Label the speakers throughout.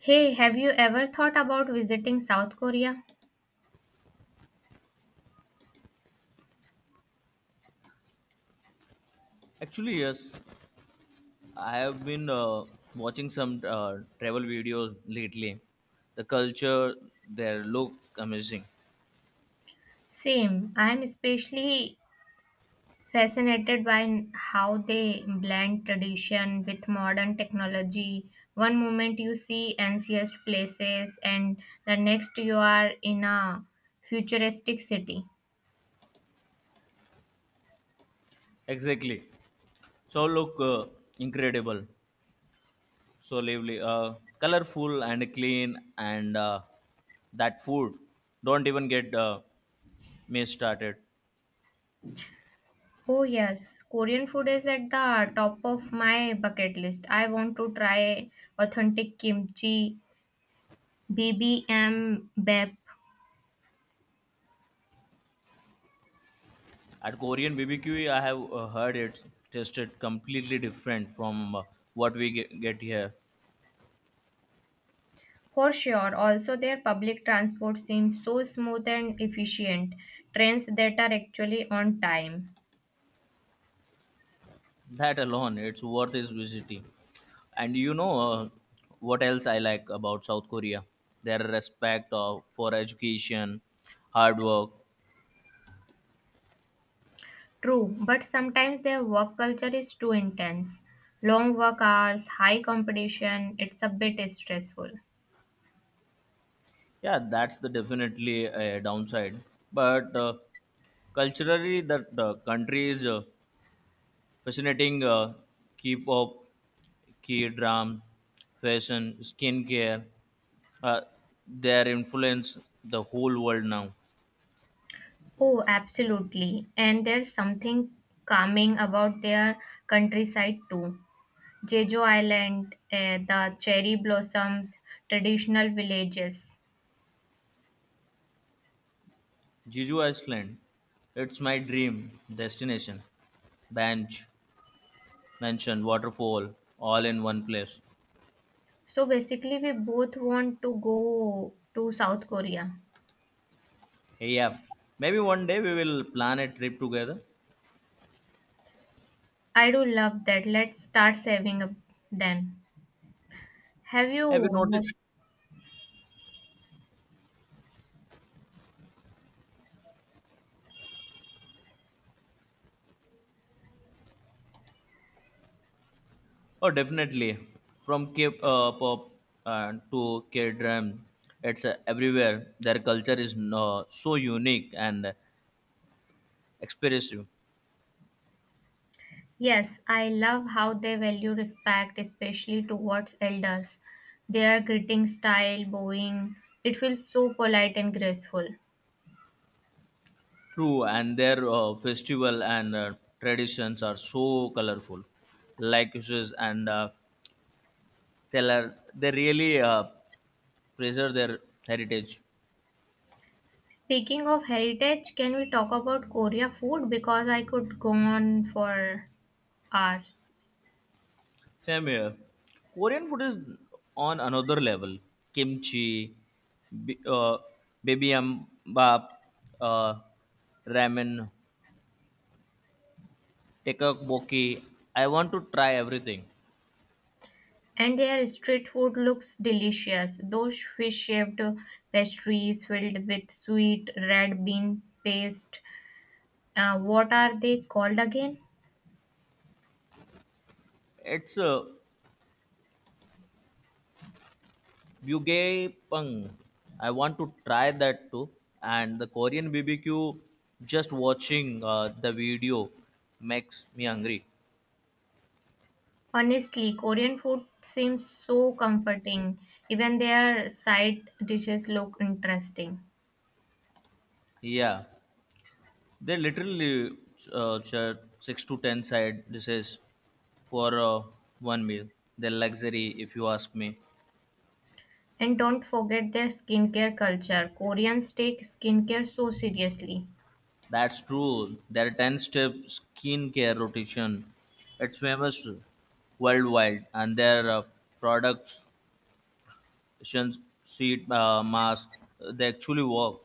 Speaker 1: Hey, have you ever thought about visiting South Korea?
Speaker 2: Actually, yes, I have been watching some travel videos lately. The culture there look amazing.
Speaker 1: Same. I am especially fascinated by how they blend tradition with modern technology. One moment you see ancient places, and the next you are in a futuristic city.
Speaker 2: Exactly. So look incredible. So lively, colorful and clean, and that food. Don't even get me started.
Speaker 1: Oh, yes, Korean food is at the top of my bucket list. I want to try authentic kimchi, bibimbap.
Speaker 2: At Korean BBQ, I have heard it tasted completely different from what we get here.
Speaker 1: For sure, also their public transport seems so smooth and efficient, trains that are actually on time.
Speaker 2: That alone it's worth is visiting, and you know what else I like about South Korea, their respect of, for education, hard work.
Speaker 1: True, but sometimes their work culture is too intense. Long work hours, high competition, it's a bit stressful.
Speaker 2: Yeah, that's the definitely a downside, but culturally that country is fascinating. Keep up, key drum, fashion, skincare, uh, their influence the whole world now.
Speaker 1: Oh, absolutely. And there's something calming about their countryside too. Jeju Island, the cherry blossoms, traditional villages.
Speaker 2: Jeju Island. It's my dream destination. Bench, mansion, waterfall, all in one place.
Speaker 1: So basically, we both want to go to South Korea.
Speaker 2: Hey, yeah. Maybe one day we will plan a trip together.
Speaker 1: I do love that. Let's start saving up then. Have you?
Speaker 2: Have you noticed? Oh, definitely. From Cape Pop to K Drum, it's everywhere. Their culture is so unique and expressive.
Speaker 1: Yes, I love how they value respect, especially towards elders. Their greeting style, bowing, it feels so polite and graceful.
Speaker 2: True, and their festival and traditions are so colorful, like uses and seller, they really preserve their heritage.
Speaker 1: Speaking of heritage, can we talk about Korea food? Because I could go on for hours.
Speaker 2: Same here. Korean food is on another level. Kimchi, bi- uh, bibimbap, uh, ramen, tteokbokki, I want to try everything.
Speaker 1: And their street food looks delicious. Those fish shaped pastries filled with sweet red bean paste. What are they called again?
Speaker 2: It's a bugay pang. I want to try that too, and the Korean BBQ, just watching the video makes me hungry.
Speaker 1: Honestly, Korean food seems so comforting. Even their side dishes look interesting.
Speaker 2: Yeah. They literally charge 6 to 10 side dishes for one meal. They're luxury, if you ask me.
Speaker 1: And don't forget their skincare culture. Koreans take skincare so seriously.
Speaker 2: That's true. Their 10-step skincare rotation, it's famous worldwide, and their products, shins- sheet mask, they actually work.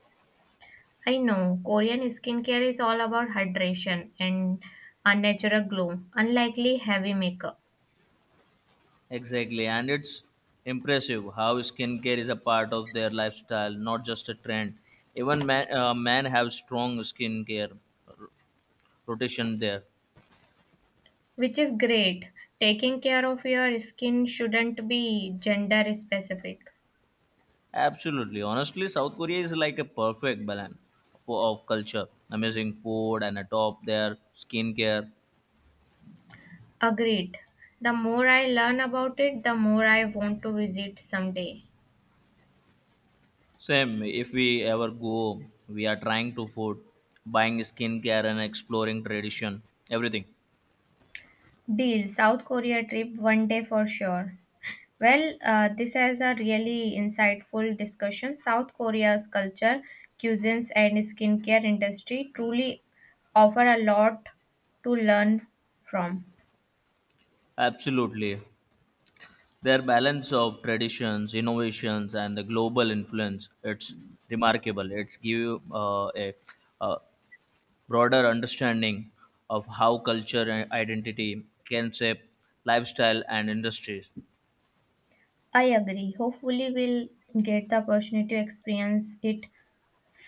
Speaker 1: I know Korean skincare is all about hydration and a natural glow, unlikely heavy makeup.
Speaker 2: Exactly, and it's impressive how skincare is a part of their lifestyle, not just a trend. Even men, men have strong skincare rotation there.
Speaker 1: Which is great. Taking care of your skin shouldn't be gender specific.
Speaker 2: Absolutely. Honestly, South Korea is like a perfect balance for, of culture, amazing food, and atop their skincare.
Speaker 1: Agreed. The more I learn about it, the more I want to visit someday.
Speaker 2: Same, if we ever go, we are trying to food, buying skincare, and exploring tradition, everything.
Speaker 1: Deal. South Korea trip one day for sure. Well, this is a really insightful discussion. South Korea's culture, cuisines, and skincare industry truly offer a lot to learn from.
Speaker 2: Absolutely. Their balance of traditions, innovations, and the global influence, it's remarkable. It's give you a broader understanding of how culture and identity can shape lifestyle and industries.
Speaker 1: I agree. Hopefully, we'll get the opportunity to experience it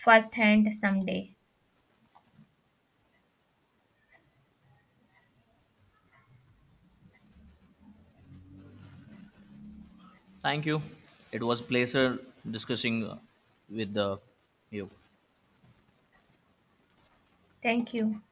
Speaker 1: firsthand someday.
Speaker 2: Thank you. It was a pleasure discussing with you.
Speaker 1: Thank you.